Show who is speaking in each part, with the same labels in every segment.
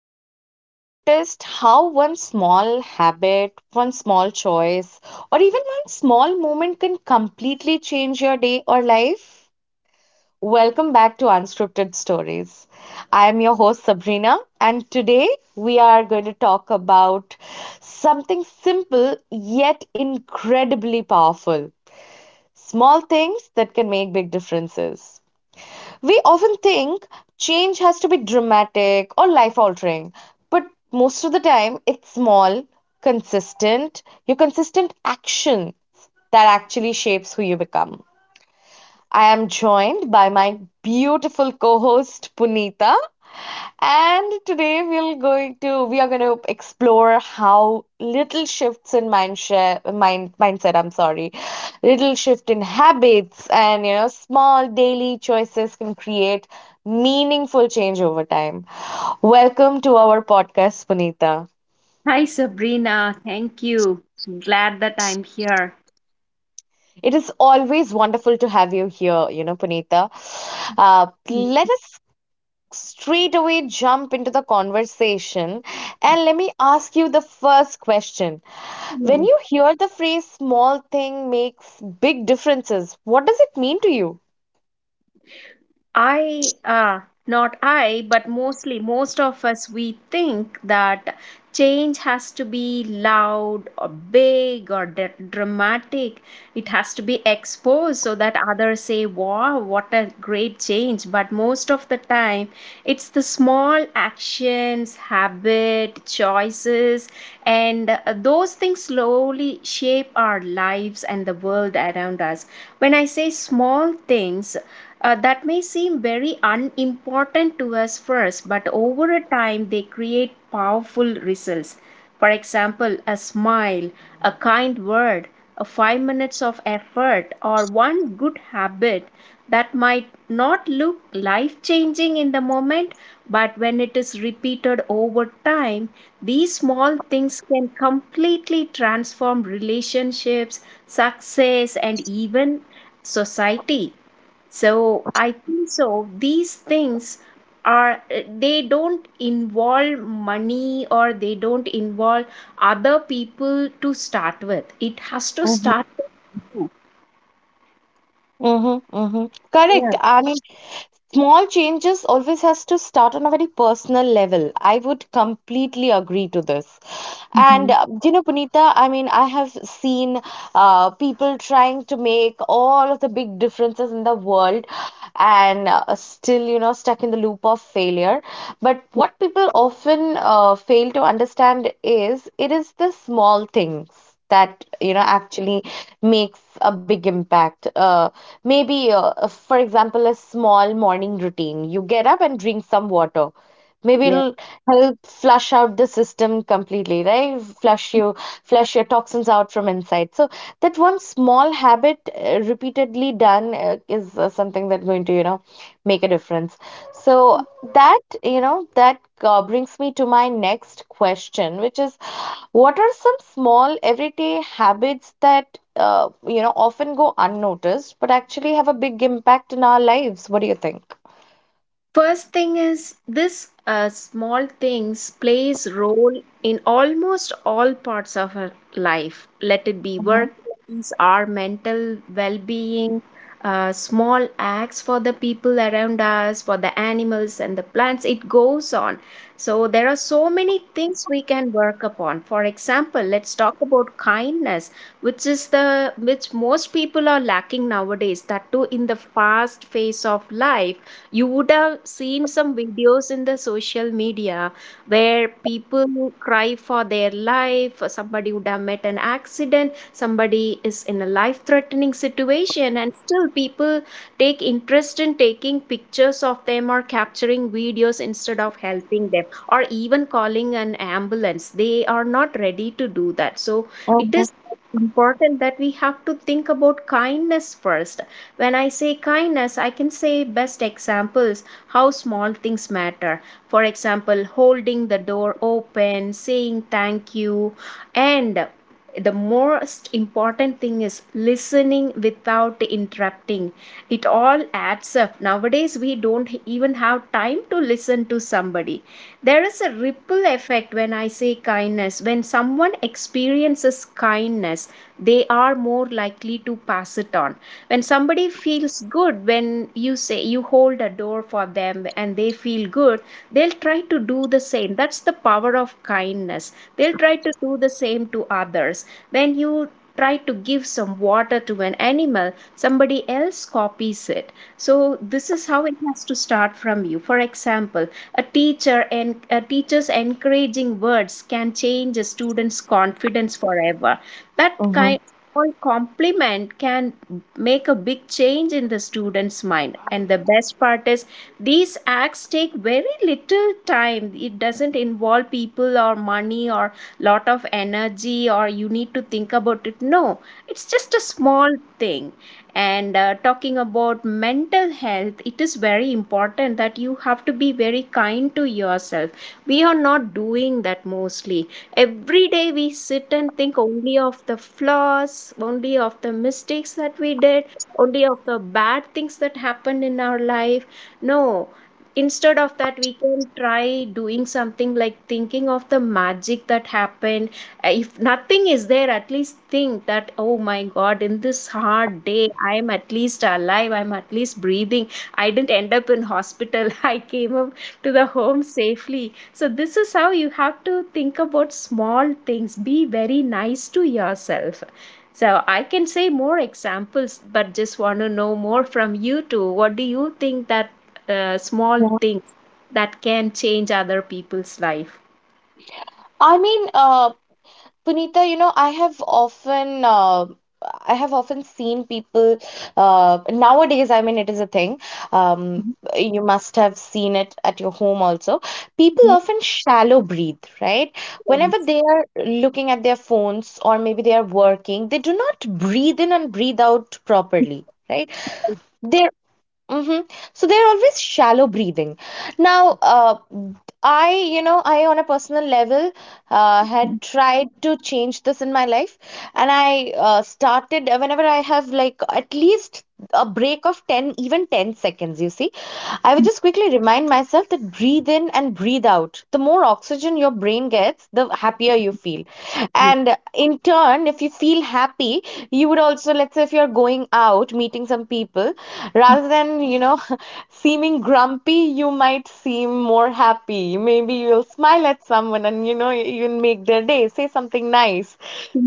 Speaker 1: Have you ever noticed how one small habit, one small choice, or even one small moment can completely change your day or life? Welcome back to Unscripted Stories. I am your host Sabrina, and today we are going to talk about something simple yet incredibly powerful small things that can make big differences. We often think change has to be dramatic or life altering, but most of the time it's small, consistent, your consistent actions that actually shapes who you become. I am joined by my beautiful co host Punita. And today we are going to explore how little shifts in mindshare, mindset, I'm sorry, little shift in habits and you know small daily choices can create meaningful change over time. Welcome to our podcast, Punita.
Speaker 2: Hi, Sabrina. Thank you. Glad that I'm here.
Speaker 1: It is always wonderful to have you here, you know, Punita.
Speaker 2: Mm,
Speaker 1: Let us straight away jump into the conversation and let me ask you the first question. When
Speaker 2: Yeah.
Speaker 1: you hear the phrase small thing makes big differences, what does it mean to you?
Speaker 2: I, not I, but mostly most of us, we think that change has to be loud or big or dramatic. It has to be exposed so that others say, wow, what a great change. But most of the time, it's the small actions, habit, choices, and those things slowly shape our lives and the world around us. When I say small things, that may seem very unimportant to us first, but over a time they create powerful results. For example, a smile, a kind word, a 5 minutes of effort, or one good habit that might not look life changing in the moment, but when it is repeated over time, these small things can completely transform relationships, success, and even society. So I think so these things are, they don't involve money or they don't involve other people. To start with, it has to start with you.
Speaker 1: Mhm, mhm.
Speaker 2: Yeah.
Speaker 1: Correct. I mean, small changes always has to start on a very personal level. I would completely agree to this. And
Speaker 2: hmm
Speaker 1: you know, Punita, I mean, I have seen people trying to make all of the big differences in the world, and still, you know, stuck in the loop of failure. But
Speaker 2: Yeah.
Speaker 1: what people often fail to understand is it is the small things that, you know, actually makes a big impact. Maybe, for example, a small morning routine, you get up and drink some water. Maybe
Speaker 2: Yeah.
Speaker 1: it'll help flush out the system completely, right? Flush your toxins out from inside. So that one small habit, repeatedly done, is, something that's going to, you know, make a difference. So that, you know, that brings me to my next question, which is, what are some small everyday habits that, uh, you know, often go unnoticed but actually have a big impact in our lives? What do you think?
Speaker 2: First thing is this, small things plays role in almost all parts of our life. Let it be
Speaker 1: Mm-hmm.
Speaker 2: work, our mental well-being, small acts for the people around us, for the animals and the plants. It goes on. So there are so many things we can work upon. For example, let's talk about kindness, which is the which most people are lacking nowadays. That too, in the fast phase of life, you would have seen some videos in the social media where people cry for their life, somebody would have met an accident, somebody is in a life threatening situation, and still people take interest in taking pictures of them or capturing videos instead of helping them or even calling an ambulance. They are not ready to do that. So it
Speaker 1: Mm-hmm.
Speaker 2: is important that we have to think about kindness first. When I say kindness, I can say best examples how small things matter. For example, holding the door open, saying thank you, and the most important thing is listening without interrupting. It all adds up. Nowadays we don't even have time to listen to somebody. There is a ripple effect. When I say kindness, when someone experiences kindness, they are more likely to pass it on. When somebody feels good, when you say you hold a door for them and they feel good, they'll try to do the same. That's the power of kindness. They'll try to do the same to others. When you try to give some water to an animal, somebody else copies it. So this is how it has to start from you. For example, a teacher and a teacher's encouraging words can change a student's confidence forever. That
Speaker 1: Mm-hmm.
Speaker 2: kind small compliment can make a big change in the student's mind. And the best part is these acts take very little time. It doesn't involve people or money or lot of energy or you need to think about it. No, it's just a small thing. And talking about mental health, it is very important that you have to be very kind to yourself. We are not doing that mostly. Every day we sit and think only of the flaws, only of the mistakes that we did, only of the bad things that happened in our life. No, instead of that, we can try doing something like thinking of the magic that happened. If nothing is there, at least think that, oh my God, in this hard day, I am at least alive, I'm at least breathing. I didn't end up in hospital. I came up to the home safely. So, this is how you have to think about small things. Be very nice to yourself. So, I can say more examples, but just want to know more from you too. What do you think that small
Speaker 1: Yeah.
Speaker 2: things that can change other people's life?
Speaker 1: I mean, Punita, you know, I have often seen people nowadays. I mean, it is a thing. Um,
Speaker 2: Mhm.
Speaker 1: you must have seen it at your home also. People
Speaker 2: Yeah,
Speaker 1: often shallow breathe, right?
Speaker 2: that
Speaker 1: Whenever
Speaker 2: makes
Speaker 1: they are looking at their phones or maybe they are working, they do not breathe in and breathe out properly, right? They're hmm So they're always shallow breathing. Now, I on a personal level had tried to change this in my life, and I started, whenever I have like at least a break of 10, even 10 seconds, you see, I would just quickly remind myself that breathe in and breathe out. The more oxygen your brain gets, the happier you feel. And in turn, if you feel happy, you would also, let's say, if you're going out, meeting some people, rather than, you know, of seeming grumpy, you might seem more happy. Maybe you'll smile at someone and, you know, you'll make their day, say something nice.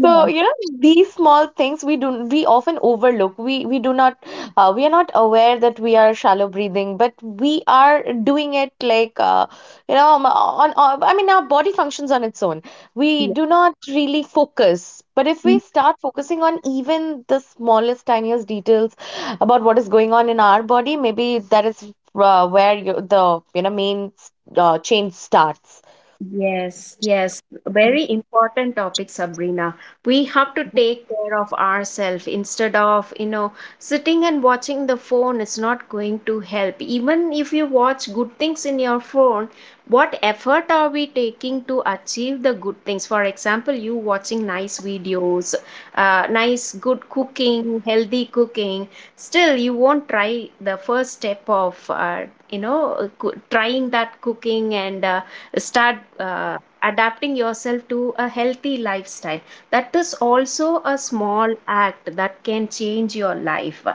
Speaker 1: So, you know, these small things we often overlook. We do not, we are not aware that we are shallow breathing, but we are doing it, like, you know, on I mean, our body functions on its own. We do not really focus. But if we start focusing on even the smallest, tiniest details about what is going on in our body, maybe that is where the main change starts.
Speaker 2: Yes, yes.
Speaker 1: Mm-hmm.
Speaker 2: Very important topic, Sabrina. We have to take care of ourselves instead of, you know, sitting and watching the phone is not going to help. Even if you watch good things in your phone, what effort are we taking to achieve the good things? For example, you watching nice videos, nice good cooking, healthy cooking. Still, you won't try the first step of, you know, trying that cooking and start adapting yourself to a healthy lifestyle. That is also a small act that can change your life.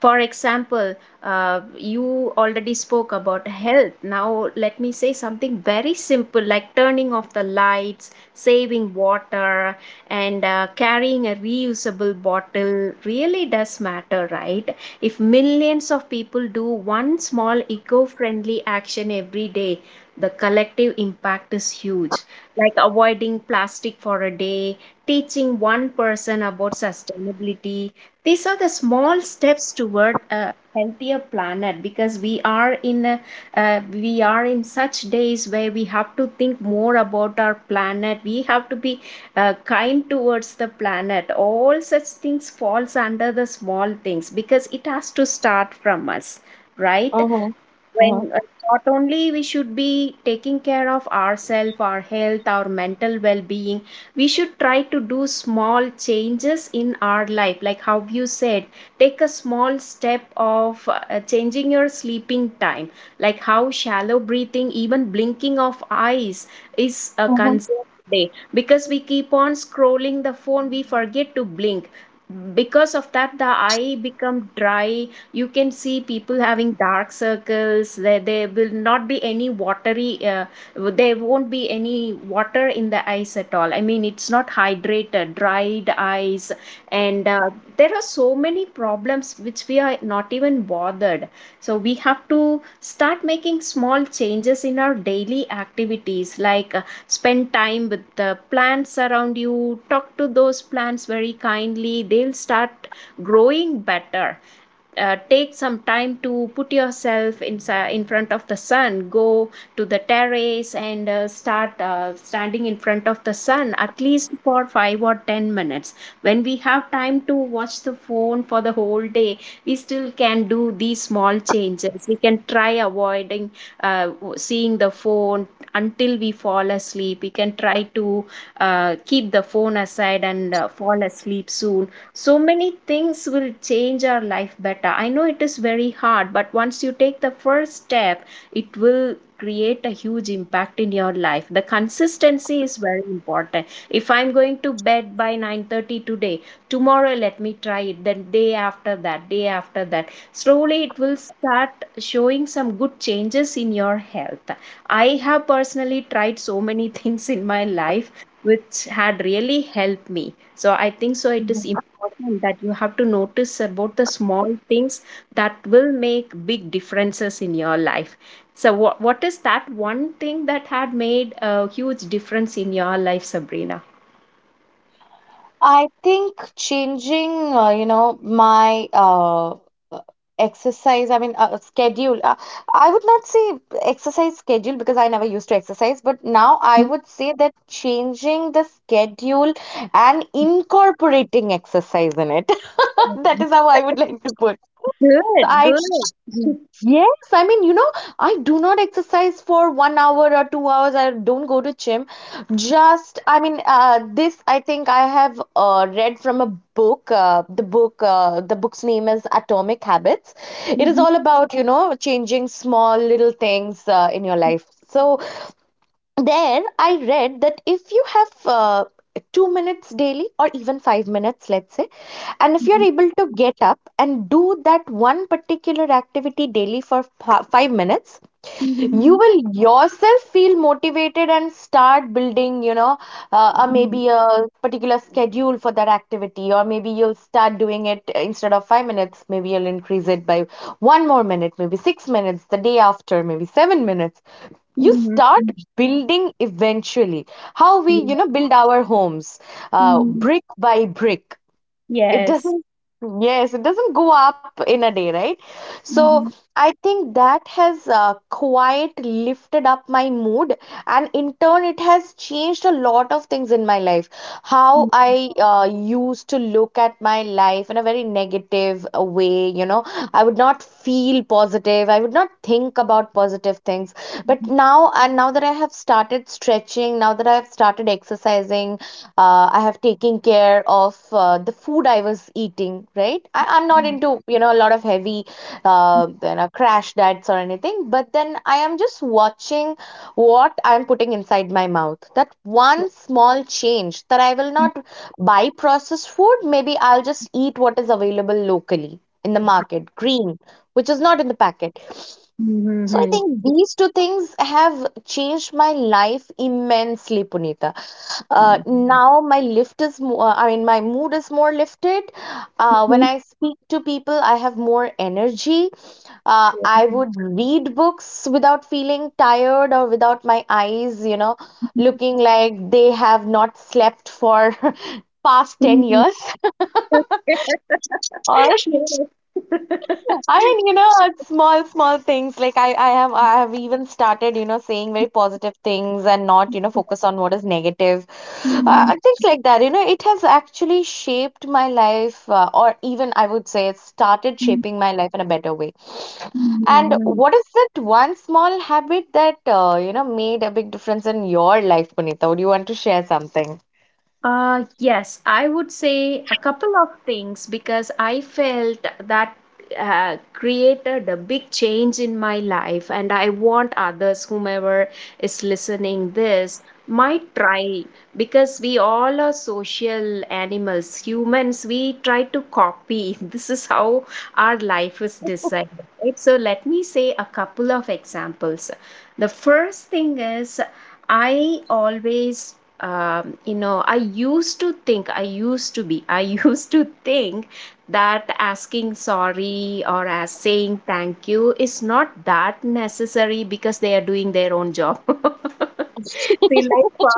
Speaker 2: For example, you already spoke about health. Now let me say something very simple, like turning off the lights, saving water, and carrying a reusable bottle really does matter, right? If millions of people do one small eco-friendly action every day, the collective impact is huge, like avoiding plastic for a day, teaching one person about sustainability. These are the small steps toward a healthier planet, because we are in a, we are in such days where we have to think more about our planet. We have to be kind towards the planet. All such things falls under the small things because it has to start from us, right?
Speaker 1: Mm-hmm.
Speaker 2: When not only we should be taking care of ourselves, our health, our mental well-being, we should try to do small changes in our life, like how you said. Take a small step of changing your sleeping time. Like how shallow breathing, even blinking of eyes is a concern today, because we keep on scrolling the phone, we forget to blink. Because of that, the eye become dry. You can see people having dark circles. There will not be any watery, there won't be any water in the eyes at all. I mean, it's not hydrated, dried eyes. And there are so many problems which we are not even bothered. So we have to start making small changes in our daily activities, like spend time with the plants around you, talk to those plants very kindly, they'll start growing better. Take some time to put yourself inside in front of the sun. Go to the terrace and start standing in front of the sun at least for 5 or 10 minutes. When we have time to watch the phone for the whole day, we still can do these small changes. We can try avoiding seeing the phone until we fall asleep. We can try to keep the phone aside and fall asleep soon. So many things will change our life better. I know it is very hard, but once you take the first step, it will create a huge impact in your life. The consistency is very important. If I'm going to bed by 9:30 today, tomorrow let me try it, then day after that, day after that, slowly it will start showing some good changes in your health. I have personally tried so many things in my life which had really helped me. So I think so it is
Speaker 1: Mm-hmm.
Speaker 2: important that you have to notice about the small things that will make big differences in your life. So what is that one thing that had made a huge difference in your life, Sabrina?
Speaker 1: I think changing, you know, my exercise, I mean, schedule. I would not say exercise schedule, because I never used to exercise, but now I would say that changing the schedule and incorporating exercise in it. That is how I would like to put. So
Speaker 2: Good,
Speaker 1: I
Speaker 2: good.
Speaker 1: Yes, I mean, you know, I do not exercise for 1 hour or 2 hours. I don't go to gym. Just, I mean, this I think I have read from a book. The book, the book's name is Atomic Habits. It is all about, you know, changing small little things in your life. So there, I read that if you have, 2 minutes daily or even 5 minutes, let's say, and if you're able to get up and do that one particular activity daily for 5 minutes, you
Speaker 2: Mhm,
Speaker 1: will yourself feel motivated and start building, you know, maybe a particular schedule for that activity. Or maybe you'll start doing it, instead of 5 minutes maybe you'll increase it by one more minute, maybe 6 minutes the day after, maybe 7 minutes. You
Speaker 2: mhm, mhm,
Speaker 1: start
Speaker 2: mhm,
Speaker 1: building eventually, how we, you know,
Speaker 2: yeah,
Speaker 1: build our homes,
Speaker 2: mhm.
Speaker 1: brick by brick. It
Speaker 2: Yes.
Speaker 1: doesn't, Yes, it doesn't go up in a day, right? So
Speaker 2: Mhm,
Speaker 1: I think that has quite lifted up my mood, and in turn, it has changed a lot of things in my life. How
Speaker 2: mhm,
Speaker 1: I used to look at my life in a very negative way, you know, I would not feel positive, I would not think about positive things. But
Speaker 2: mhm,
Speaker 1: now, and now that I have started stretching, now that I have started exercising, I have taken care of the food I was eating, right? I'm not into, you know, a lot of heavy, you know, crash diets or anything, but then I am just watching what I'm putting inside my mouth. That one small change, that I will not buy processed food, maybe I'll just eat what is available locally in the market, green, which is not in the packet.
Speaker 2: mhm,
Speaker 1: So I
Speaker 2: mhm,
Speaker 1: think these two things have changed my life immensely, Punita.
Speaker 2: mhm,
Speaker 1: Now, my lift is more I mean, my mood is more lifted. When I speak to people, I have more energy.
Speaker 2: yeah,
Speaker 1: I would read books without feeling tired, or without my eyes, you know, looking like they have not slept for past
Speaker 2: mhm,
Speaker 1: 10
Speaker 2: mhm.
Speaker 1: years. I mean, you know, it's small, small things. Like, I have even started, you know, saying very positive things and not, you know, focus on what is negative,
Speaker 2: Yes.
Speaker 1: things like that. You know, it has actually shaped my life, or even I would say, it started shaping my life in a better way. And
Speaker 2: Mhm.
Speaker 1: what is that one small habit that, you know, made a big difference in your life, Punita? Would you want to share something?
Speaker 2: Yes, I would say a couple of things because I felt that created a big change in my life, and I want others, whomever is listening this, might try, because we all are social animals, humans. We try to copy. This is how our life is designed. Right? So let me say a couple of examples. The first thing is I always you know, I used to think I used to be I used to think that asking sorry or as saying thank you is not that necessary, because they are doing their own job. See, like for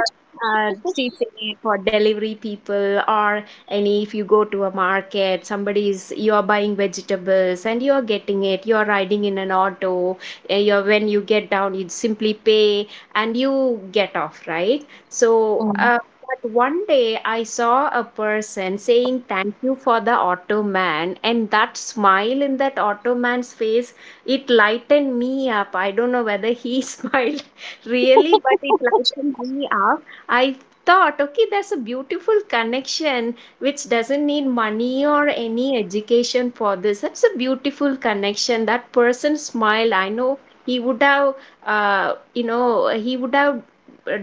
Speaker 2: CCA, for delivery people, or any if you go to a market, somebody's you are buying vegetables and you are getting it. You are riding in an auto. You're when you get down, you simply pay and you get off, right? So,
Speaker 1: Mhm.
Speaker 2: but one day I saw a person saying thank you for the Ottoman, and that smile in that Ottoman's face, it lightened me up. I don't know whether he smiled really, but it lightened me up. I thought, okay, there's a beautiful connection which doesn't need money or any education for this. That's a beautiful connection. That person smiled. I know he would have uh, you know he would have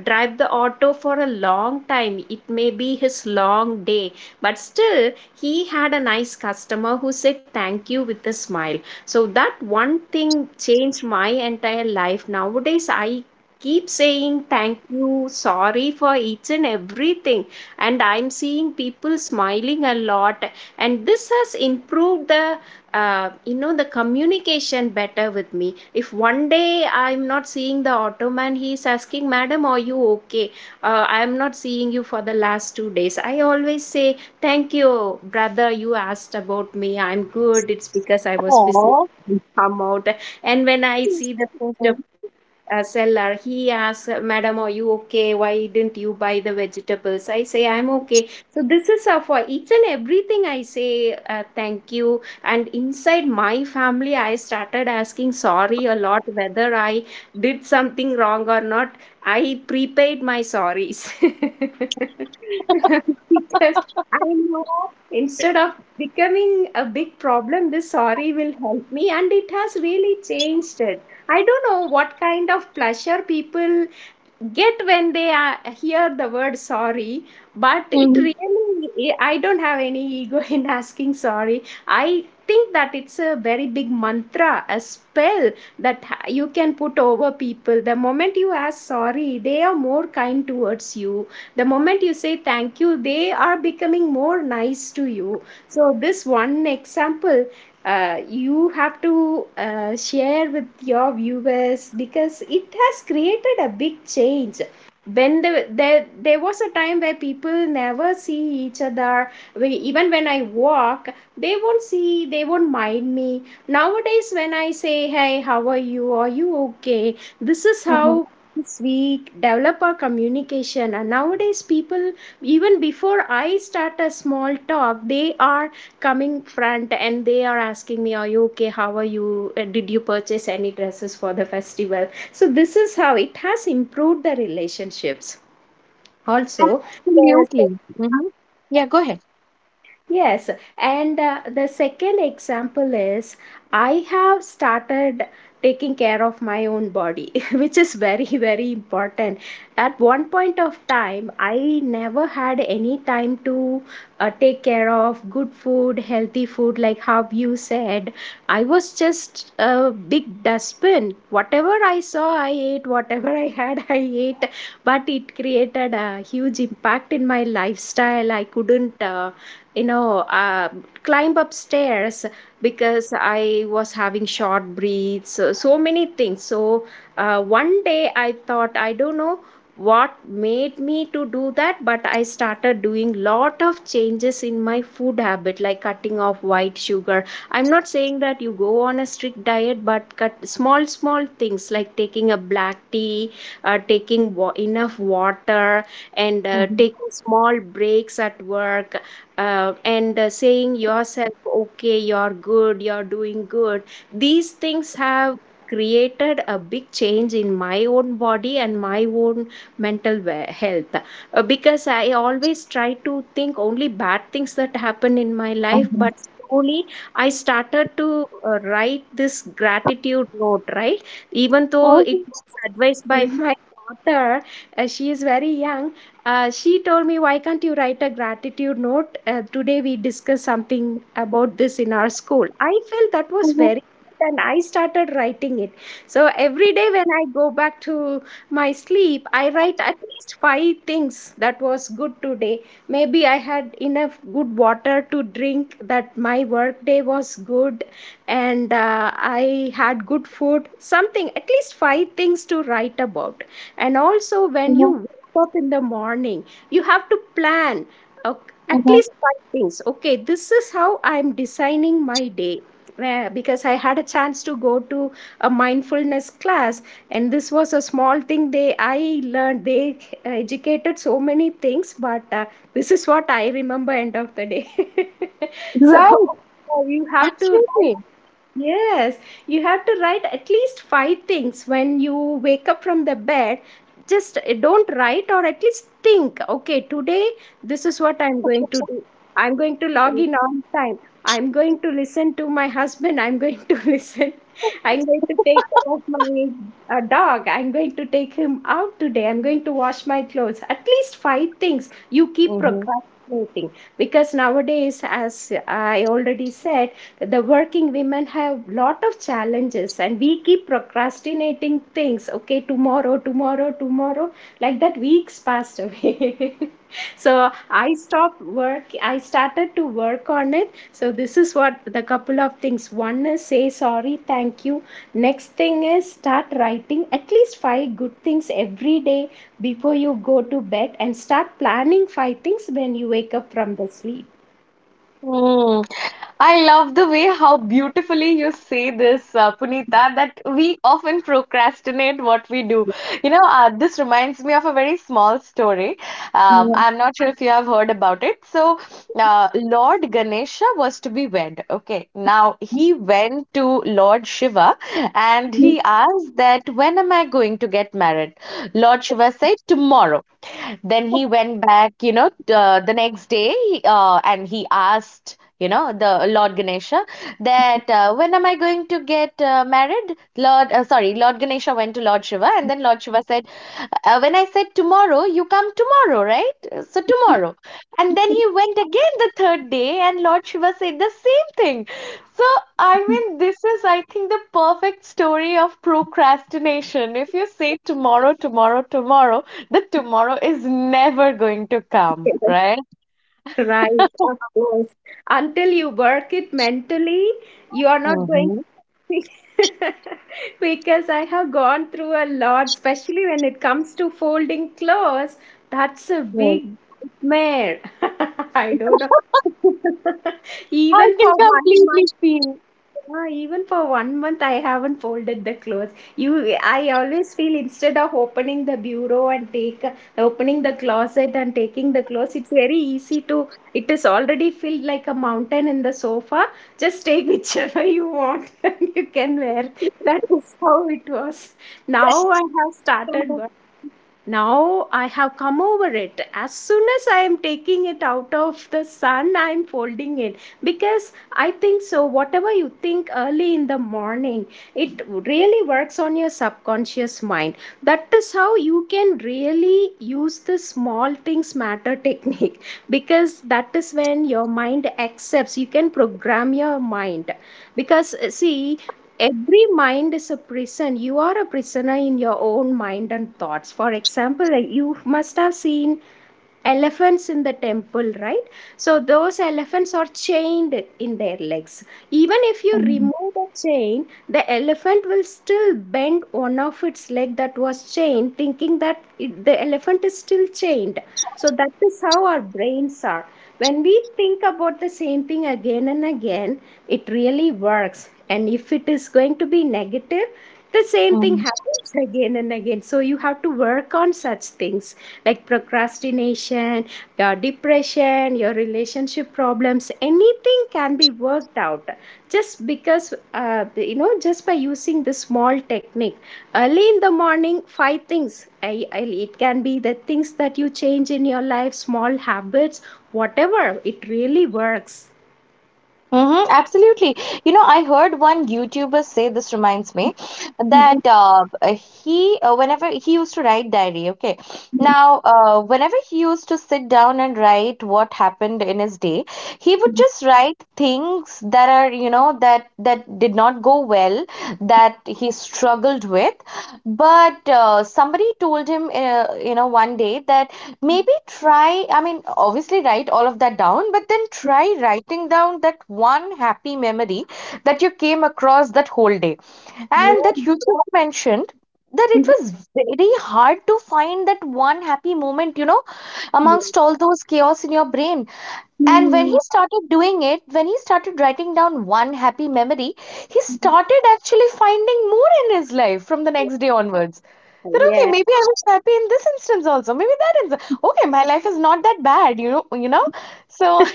Speaker 2: drive the auto for a long time. It may be his long day, but still he had a nice customer who said thank you with a smile. So that one thing changed my entire life. Nowadays I keep saying thank you, sorry for each and everything, and I'm seeing people smiling a lot. And this has improved the the communication better with me. If one day I'm not seeing the Ottoman, he's asking, madam, are you okay? I'm not seeing you for the last 2 days. I always say, thank you, brother, you asked about me, I'm good, it's because I was busy to come out. And when I see the the, seller, he asks, madam, are you okay, why didn't you buy the vegetables? I say I'm okay. So this is, for each and everything I say thank you. And inside my family I started asking sorry a lot, whether I did something wrong or not. I prepaid my sorries because I know, instead of becoming a big problem, this sorry will help me, and it has really changed it. I don't know what kind of pleasure people get when they hear the word sorry, but it really, I don't have any ego in asking sorry. I think that it's a very big mantra, a spell that you can put over people. The moment you ask sorry, they are more kind towards you. The moment you say thank you, they are becoming more nice to you. So this one example you have to share with your viewers, because it has created a big change. When the, there there was a time where people never see each other. Even when I walk, they won't see, they won't mind me. Nowadays when I say, hey, how are you, are you okay? This is
Speaker 1: Mhm.
Speaker 2: how we develop our communication. And nowadays people, even before I start a small talk, they are coming front and they are asking me, are you okay, how are you? Did you purchase any dresses for the festival? So this is how it has improved the relationships also. The
Speaker 1: Absolutely. Hmm. Yeah, go ahead.
Speaker 2: yes, and the second example is I have started taking care of my own body, which is very, very important. At one point of time, I never had any time to take care of good food, healthy food, like how you said. I was just a big dustbin. Whatever I saw, I ate. Whatever I had, I ate. But it created a huge impact in my lifestyle. I couldn't you know uh, climb upstairs because I was having short breaths, so, so many things. So one day I thought, I don't know what made me to do that, but I started doing lot of changes in my food habit, like cutting off white sugar. I'm not saying that you go on a strict diet, but cut small small things, like taking a black tea, taking enough water, and taking small breaks at work, and saying yourself, okay, you're good, you're doing good. These things have created a big change in my own body and my own mental health. Because I always try to think only bad things that happen in my life,
Speaker 1: Mm-hmm.
Speaker 2: but slowly I started to write this gratitude note, right? Even though it was advised by my daughter, she is very young. She told me, why can't you write a gratitude note? Today we discussed something about this in our school. I felt that was very good, and I started writing it. So every day when I go back to my sleep, I write at least five things that was good today. Maybe I had enough good water to drink, that my work day was good, and I had good food, something, at least five things to write about. And also, when you up in the morning, you have to plan uh, at least five things. Okay, this is how I'm designing my day. Because I had a chance to go to a mindfulness class, and this was a small thing they I learned. They educated so many things, but this is what I remember end of the day. So
Speaker 1: Right,
Speaker 2: you have to write
Speaker 1: absolutely.
Speaker 2: yes, you have to write at least five things when you wake up from the bed. Just don't write, or at least think, okay, today this is what I'm going to do. I'm going to log in on time. I'm going to listen to my husband. I'm going to listen. I'm going to take care of my dog. I'm going to take him out today. I'm going to wash my clothes. At least five things you keep
Speaker 1: Mm-hmm.
Speaker 2: procrastinating because nowadays, as I already said, the working women have lot of challenges, and we keep procrastinating things. Okay, tomorrow, tomorrow, tomorrow, like that weeks passed away. So I stopped work, I started to work on it. So this is what the couple of things. One is say sorry, thank you. Next thing is start writing at least five good things every day before you go to bed, and start planning five things when you wake up from the sleep.
Speaker 1: Mm. I love the way how beautifully you say this, Punita, that we often procrastinate what we do. You know, this reminds me of a very small story. I'm not sure if you have heard about it. So, Lord Ganesha was to be wed. Okay, now he went to Lord Shiva, and
Speaker 2: Yeah.
Speaker 1: he asked that, when am I going to get married? Lord Shiva said tomorrow. Then he went back, you know, the next day, and he asked, you know, the Lord Ganesha that, when am I going to get married? Lord, sorry, Lord Ganesha went to Lord Shiva. And then Lord Shiva said, when I said tomorrow, you come tomorrow, right? So tomorrow. And then he went again the third day, and Lord Shiva said the same thing. So, I mean, this is, I think, the perfect story of procrastination. If you say tomorrow, tomorrow, tomorrow, the tomorrow is never going to come, right?
Speaker 2: Right, of course. Until you work it mentally, you are not going
Speaker 1: Mm-hmm.
Speaker 2: to because I have gone through a lot, especially when it comes to folding clothes. That's a
Speaker 1: Yes.
Speaker 2: big nightmare. I don't know.
Speaker 1: I
Speaker 2: Even for
Speaker 1: can completely
Speaker 2: one
Speaker 1: see.
Speaker 2: ah, even for 1 month, I haven't folded the clothes. You, I always feel instead of opening the bureau and take opening the closet and taking the clothes, it's very easy to. It is already filled like a mountain in the sofa. Just take whichever you want and you can wear. That is how it was. Now I have started Now I have come over it. As soon as I am taking it out of the sun, I am folding it, because I think so. Whatever you think early in the morning, it really works on your subconscious mind. That is how you can really use the small things matter technique, because that is when your mind accepts. You can program your mind, because see, every mind is a prison. You are a prisoner in your own mind and thoughts. For example, like, you must have seen elephants in the temple, right? So those elephants are chained in their legs. Even if you
Speaker 1: Mhm.
Speaker 2: remove the chain, the elephant will still bend one of its leg that was chained, thinking that the elephant is still chained. So that is how our brains are. When we think about the same thing again and again, it really works. And if it is going to be negative, the same thing
Speaker 1: Mhm.
Speaker 2: happens again and again. So you have to work on such things like procrastination, your depression, your relationship problems. Anything can be worked out just because, just by using this small technique. Early in the morning, five things. It can be the things that you change in your life, small habits, whatever. It really works.
Speaker 1: Mm-hmm, absolutely. You know, I heard one YouTuber say, this reminds me, that he, whenever he used to write diary, okay. Now, whenever he used to sit down and write what happened in his day, he would just write things that are, you know, that did not go well, that he struggled with. But somebody told him, you know, one day, that maybe try, I mean, obviously write all of that down, but then try writing down that one happy memory that you came across that whole day. And that
Speaker 2: Mhm.
Speaker 1: you just mentioned that it was very hard to find that one happy moment, you know,
Speaker 2: Yeah.
Speaker 1: amongst all those chaos in your brain. And when he
Speaker 2: Mhm.
Speaker 1: started doing it, when he started writing down one happy memory, he started actually finding more in his life from the next day onwards. That, okay,
Speaker 2: Yeah.
Speaker 1: maybe I was happy in this instance also. Maybe that instance. Okay, my life is not that bad. So
Speaker 2: Mhm.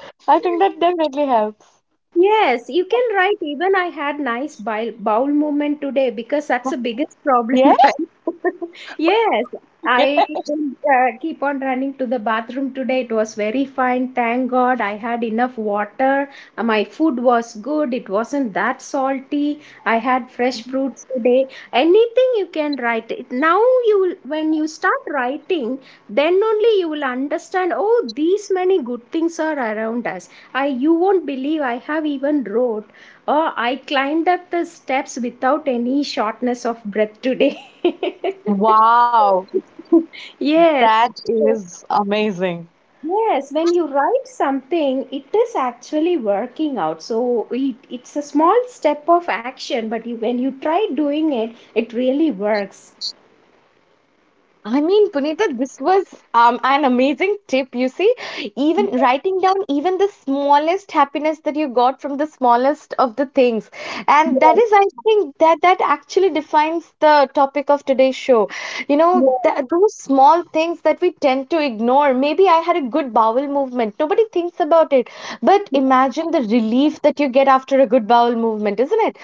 Speaker 1: I think
Speaker 2: Yeah.
Speaker 1: that definitely helps.
Speaker 2: Yes, you can write, even I had nice bowel movement today, because that's the biggest problem,
Speaker 1: Yeah.
Speaker 2: right? Yes, I didn't keep on running to the bathroom today. It was very fine, thank God. I had enough water. My food was good. It wasn't that salty. I had fresh fruits today. Anything you can write. Now when you start writing, then only you will understand, oh, these many good things are around us. I, you won't believe, I have even wrote, or I climbed up the steps without any shortness of breath today.
Speaker 1: Wow,
Speaker 2: Yes.
Speaker 1: that is amazing.
Speaker 2: Yes, when you write something, it is actually working out. So it's a small step of action, but you, when you try doing it, it really works.
Speaker 1: I mean, Punita, this was an amazing tip. You see, even writing down even the smallest happiness that you got from the smallest of the things. And that
Speaker 2: Yes,
Speaker 1: is, I think, that actually defines the topic of today's show. You know,
Speaker 2: yes,
Speaker 1: that, those small things that we tend to ignore. Maybe I had a good bowel movement. Nobody thinks about it. But imagine the relief that you get after a good bowel movement, isn't it?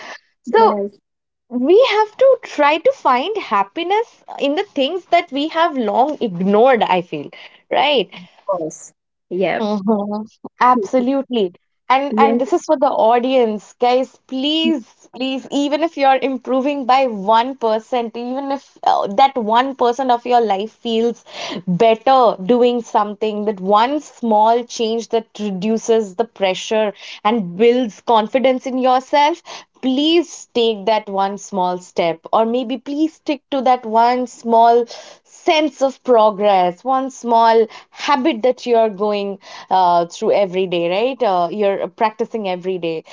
Speaker 1: So
Speaker 2: yes,
Speaker 1: we have to try to find happiness in the things that we have long ignored, I feel, right?
Speaker 2: of course. Yep.
Speaker 1: Mhm. Absolutely. And
Speaker 2: Yes.
Speaker 1: this is for the audience, guys. Please, please, even if you're improving by 1%, even if, that 1% of your life feels better doing something, that one small change that reduces the pressure and builds confidence in yourself, please take that one small step, or maybe please stick to that one small sense of progress, one small habit that you are going, through every day, right? You're practicing every day,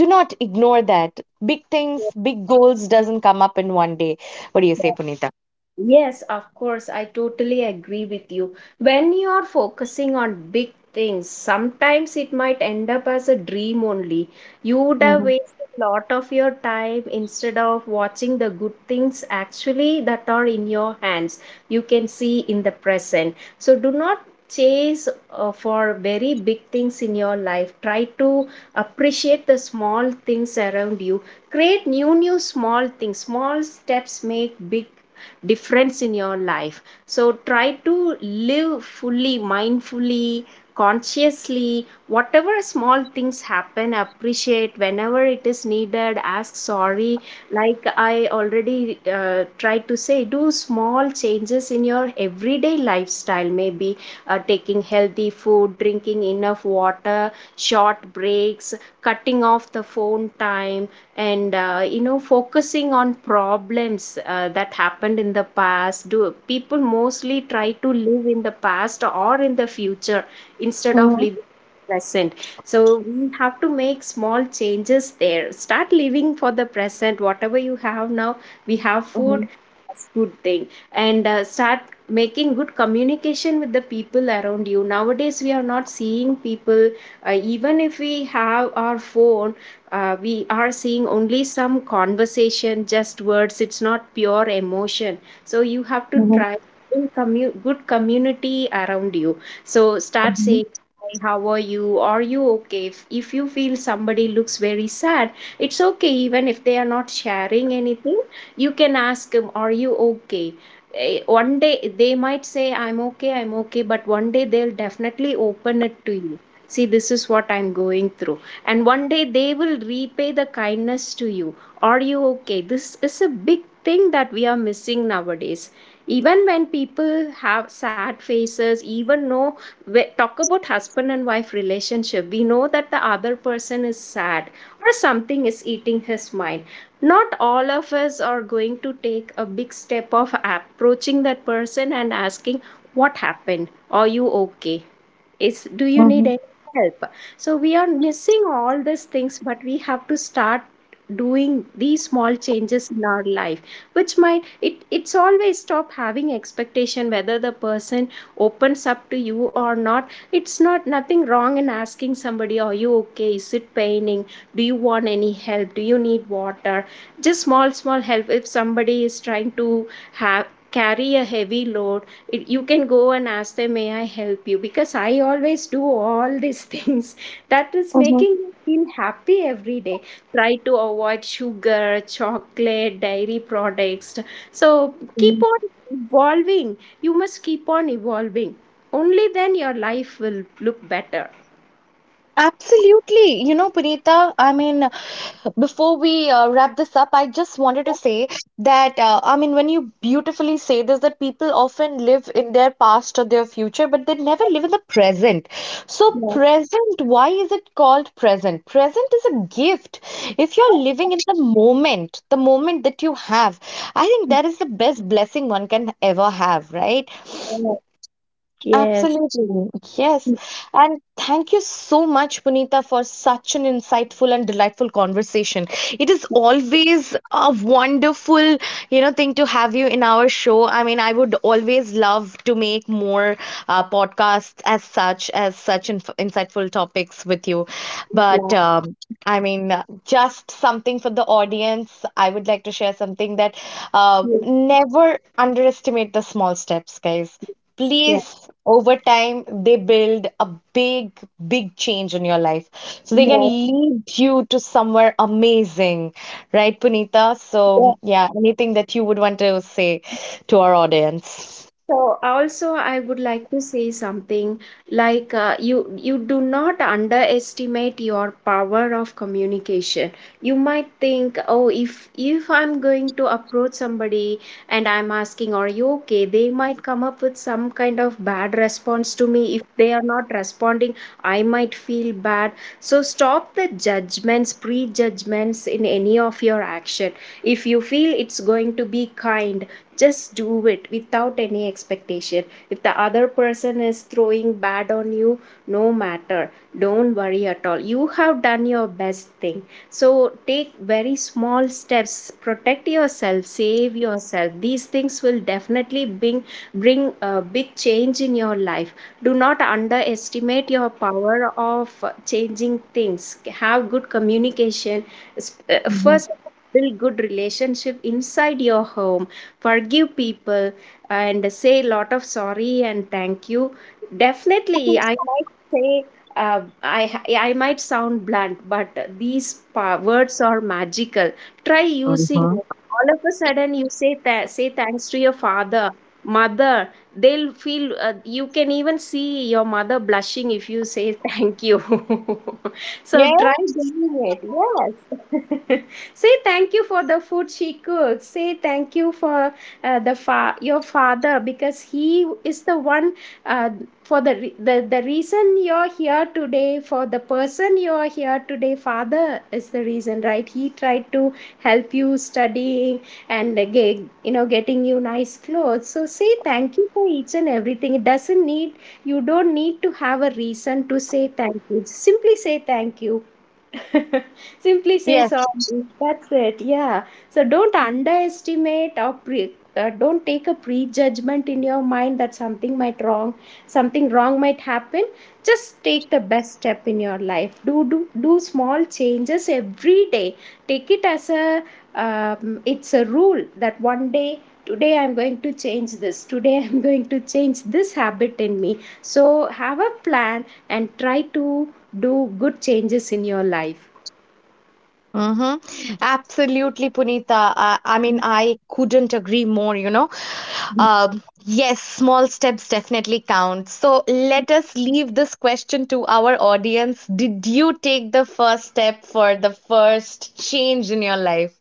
Speaker 1: do not ignore that. Big things, big goals doesn't come up in one day. What do you say, Punita?
Speaker 2: Yes, of course, I totally agree with you. When you are focusing on big things, sometimes it might end up as a dream only. You would have
Speaker 1: Mm-hmm.
Speaker 2: wasted a lot of your time instead of watching the good things actually that are in your hands. You can see in the present. So do not chase for very big things in your life. Try to appreciate the small things around you. Create new, new small things. Small steps make big difference in your life, so try to live fully, mindfully, consciously. Whatever small things happen, appreciate. Whenever it is needed, ask sorry. Like, I already tried to say, do small changes in your everyday lifestyle. Maybe taking healthy food, drinking enough water, short breaks, cutting off the phone time, and focusing on problems that happened in the past. Do people mostly try to live in the past or in the future instead of
Speaker 1: Mm-hmm.
Speaker 2: living present? So we have to make small changes there. Start living for the present. Whatever you have now, we have food, that's good thing. And start making good communication with the people around you. Nowadays, we are not seeing people. Even if we have our phone, we are seeing only some conversation, just words. It's not pure emotion. So you have to try in good community around you. So start
Speaker 1: Mm-hmm.
Speaker 2: saying, "Hi, how are you? Are you okay?" If you feel somebody looks very sad, it's okay even if they are not sharing anything. You can ask them, are you okay? One day, they might say, I'm okay, I'm okay, but one day they'll definitely open it to you. See, this is what I'm going through. And one day, they will repay the kindness to you. Are you okay? This is a big thing that we are missing nowadays. Even when people have sad faces, even know, we talk about husband and wife relationship, we know that the other person is sad or something is eating his mind. Not all of us are going to take a big step of approaching that person and asking, what happened? Are you okay? Is, do you need
Speaker 1: Hmm.
Speaker 2: any help? So we are missing all these things, but we have to start doing these small changes in our life, which might, it's always, stop having expectation whether the person opens up to you or not. It's not nothing wrong in asking somebody, are you okay? Is it paining? Do you want any help? Do you need water? Just small, small help. If somebody is trying to have, carry a heavy load, it, you can go and ask them, may I help you? Because I always do all these things that is making you feel happy every day. Try to avoid sugar, chocolate, dairy products. So keep
Speaker 1: Hmm.
Speaker 2: on evolving. You must keep on evolving. Only then your life will look better.
Speaker 1: Absolutely. You know, Punita, I mean, before we wrap this up, I just wanted to say that, I mean, when you beautifully say this, that people often live in their past or their future, but they never live in the present. So,
Speaker 2: Yes,
Speaker 1: present, why is it called present? Present is a gift. If you're living in the moment that you have, I think that is the best blessing one can ever have, right?
Speaker 2: yes,
Speaker 1: Absolutely. Yes. And thank you so much, Punita, for such an insightful and delightful conversation. It is always a wonderful, you know, thing to have you in our show. I mean, I would always love to make more podcasts, as such inf insightful topics with you. But
Speaker 2: yes,
Speaker 1: I mean, just something for the audience. I would like to share something, that,
Speaker 2: yes,
Speaker 1: never underestimate the small steps, guys,
Speaker 2: yes,
Speaker 1: please, over time they build a big, big change in your life, so they can lead you to somewhere amazing, right, Punita? So
Speaker 2: yes.
Speaker 1: yeah, anything that you would want to say to our audience?
Speaker 2: So also I would like to say something like, you do not underestimate your power of communication. You might think, oh, if I'm going to approach somebody and I'm asking, are you okay? They might come up with some kind of bad response to me. If they are not responding, I might feel bad. So stop the judgments, prejudgments in any of your action. If you feel it's going to be kind, just do it without any expectation. If the other person is throwing bad on you, no matter, don't worry at all, you have done your best thing. So take very small steps. Protect yourself, save yourself. These things will definitely bring, bring a big change in your life. Do not underestimate your power of changing things. Have good communication.
Speaker 1: Mhm.
Speaker 2: First, build good relationship inside your home. Forgive people, and say a lot of sorry and thank you. Definitely, I might say, I might sound blunt, but these words are magical. Try using it.
Speaker 1: Uh-huh.
Speaker 2: All of a sudden, you say say thanks to your father, mother. They'll feel, you can even see your mother blushing if you say thank you. So try
Speaker 1: Yes.
Speaker 2: doing it. Yes. Say thank you for the food she cooks. Say thank you for the your father, because he is the one, uh, for the, the reason you're here today, for the person you're here today. Father is the reason, right? He tried to help you studying and get, you know, getting you nice clothes. So say thank you for each and everything. It doesn't need, you don't need to have a reason to say thank you. Simply say thank you. Simply say
Speaker 1: Yes.
Speaker 2: sorry. That's it. Yeah. So don't underestimate or don't take a prejudgment in your mind that something might wrong, something wrong might happen. Just take the best step in your life. Do small changes every day. Take it as a, it's a rule that one day, today I'm going to change this. Today I'm going to change this habit in me. So have a plan and try to do good changes in your life.
Speaker 1: Mm-hmm. Absolutely, Punita. I mean, I couldn't agree more, you know. Yes, small steps definitely count. So let us leave this question to our audience. Did you take the first step for the first change in your life?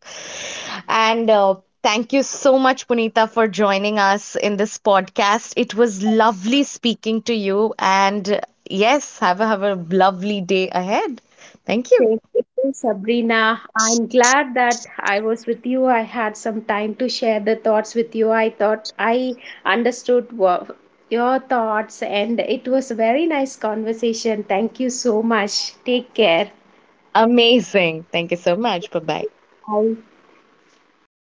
Speaker 1: And thank you so much, Punita, for joining us in this podcast. It was lovely speaking to you. And yes, have a lovely day ahead. Thank you.
Speaker 2: Thank you, Sabrina. I'm glad that I was with you. I had some time to share the thoughts with you. I thought I understood your thoughts, and it was a very nice conversation. Thank you so much. Take care.
Speaker 1: Amazing. Thank you so much. Bye bye.
Speaker 2: I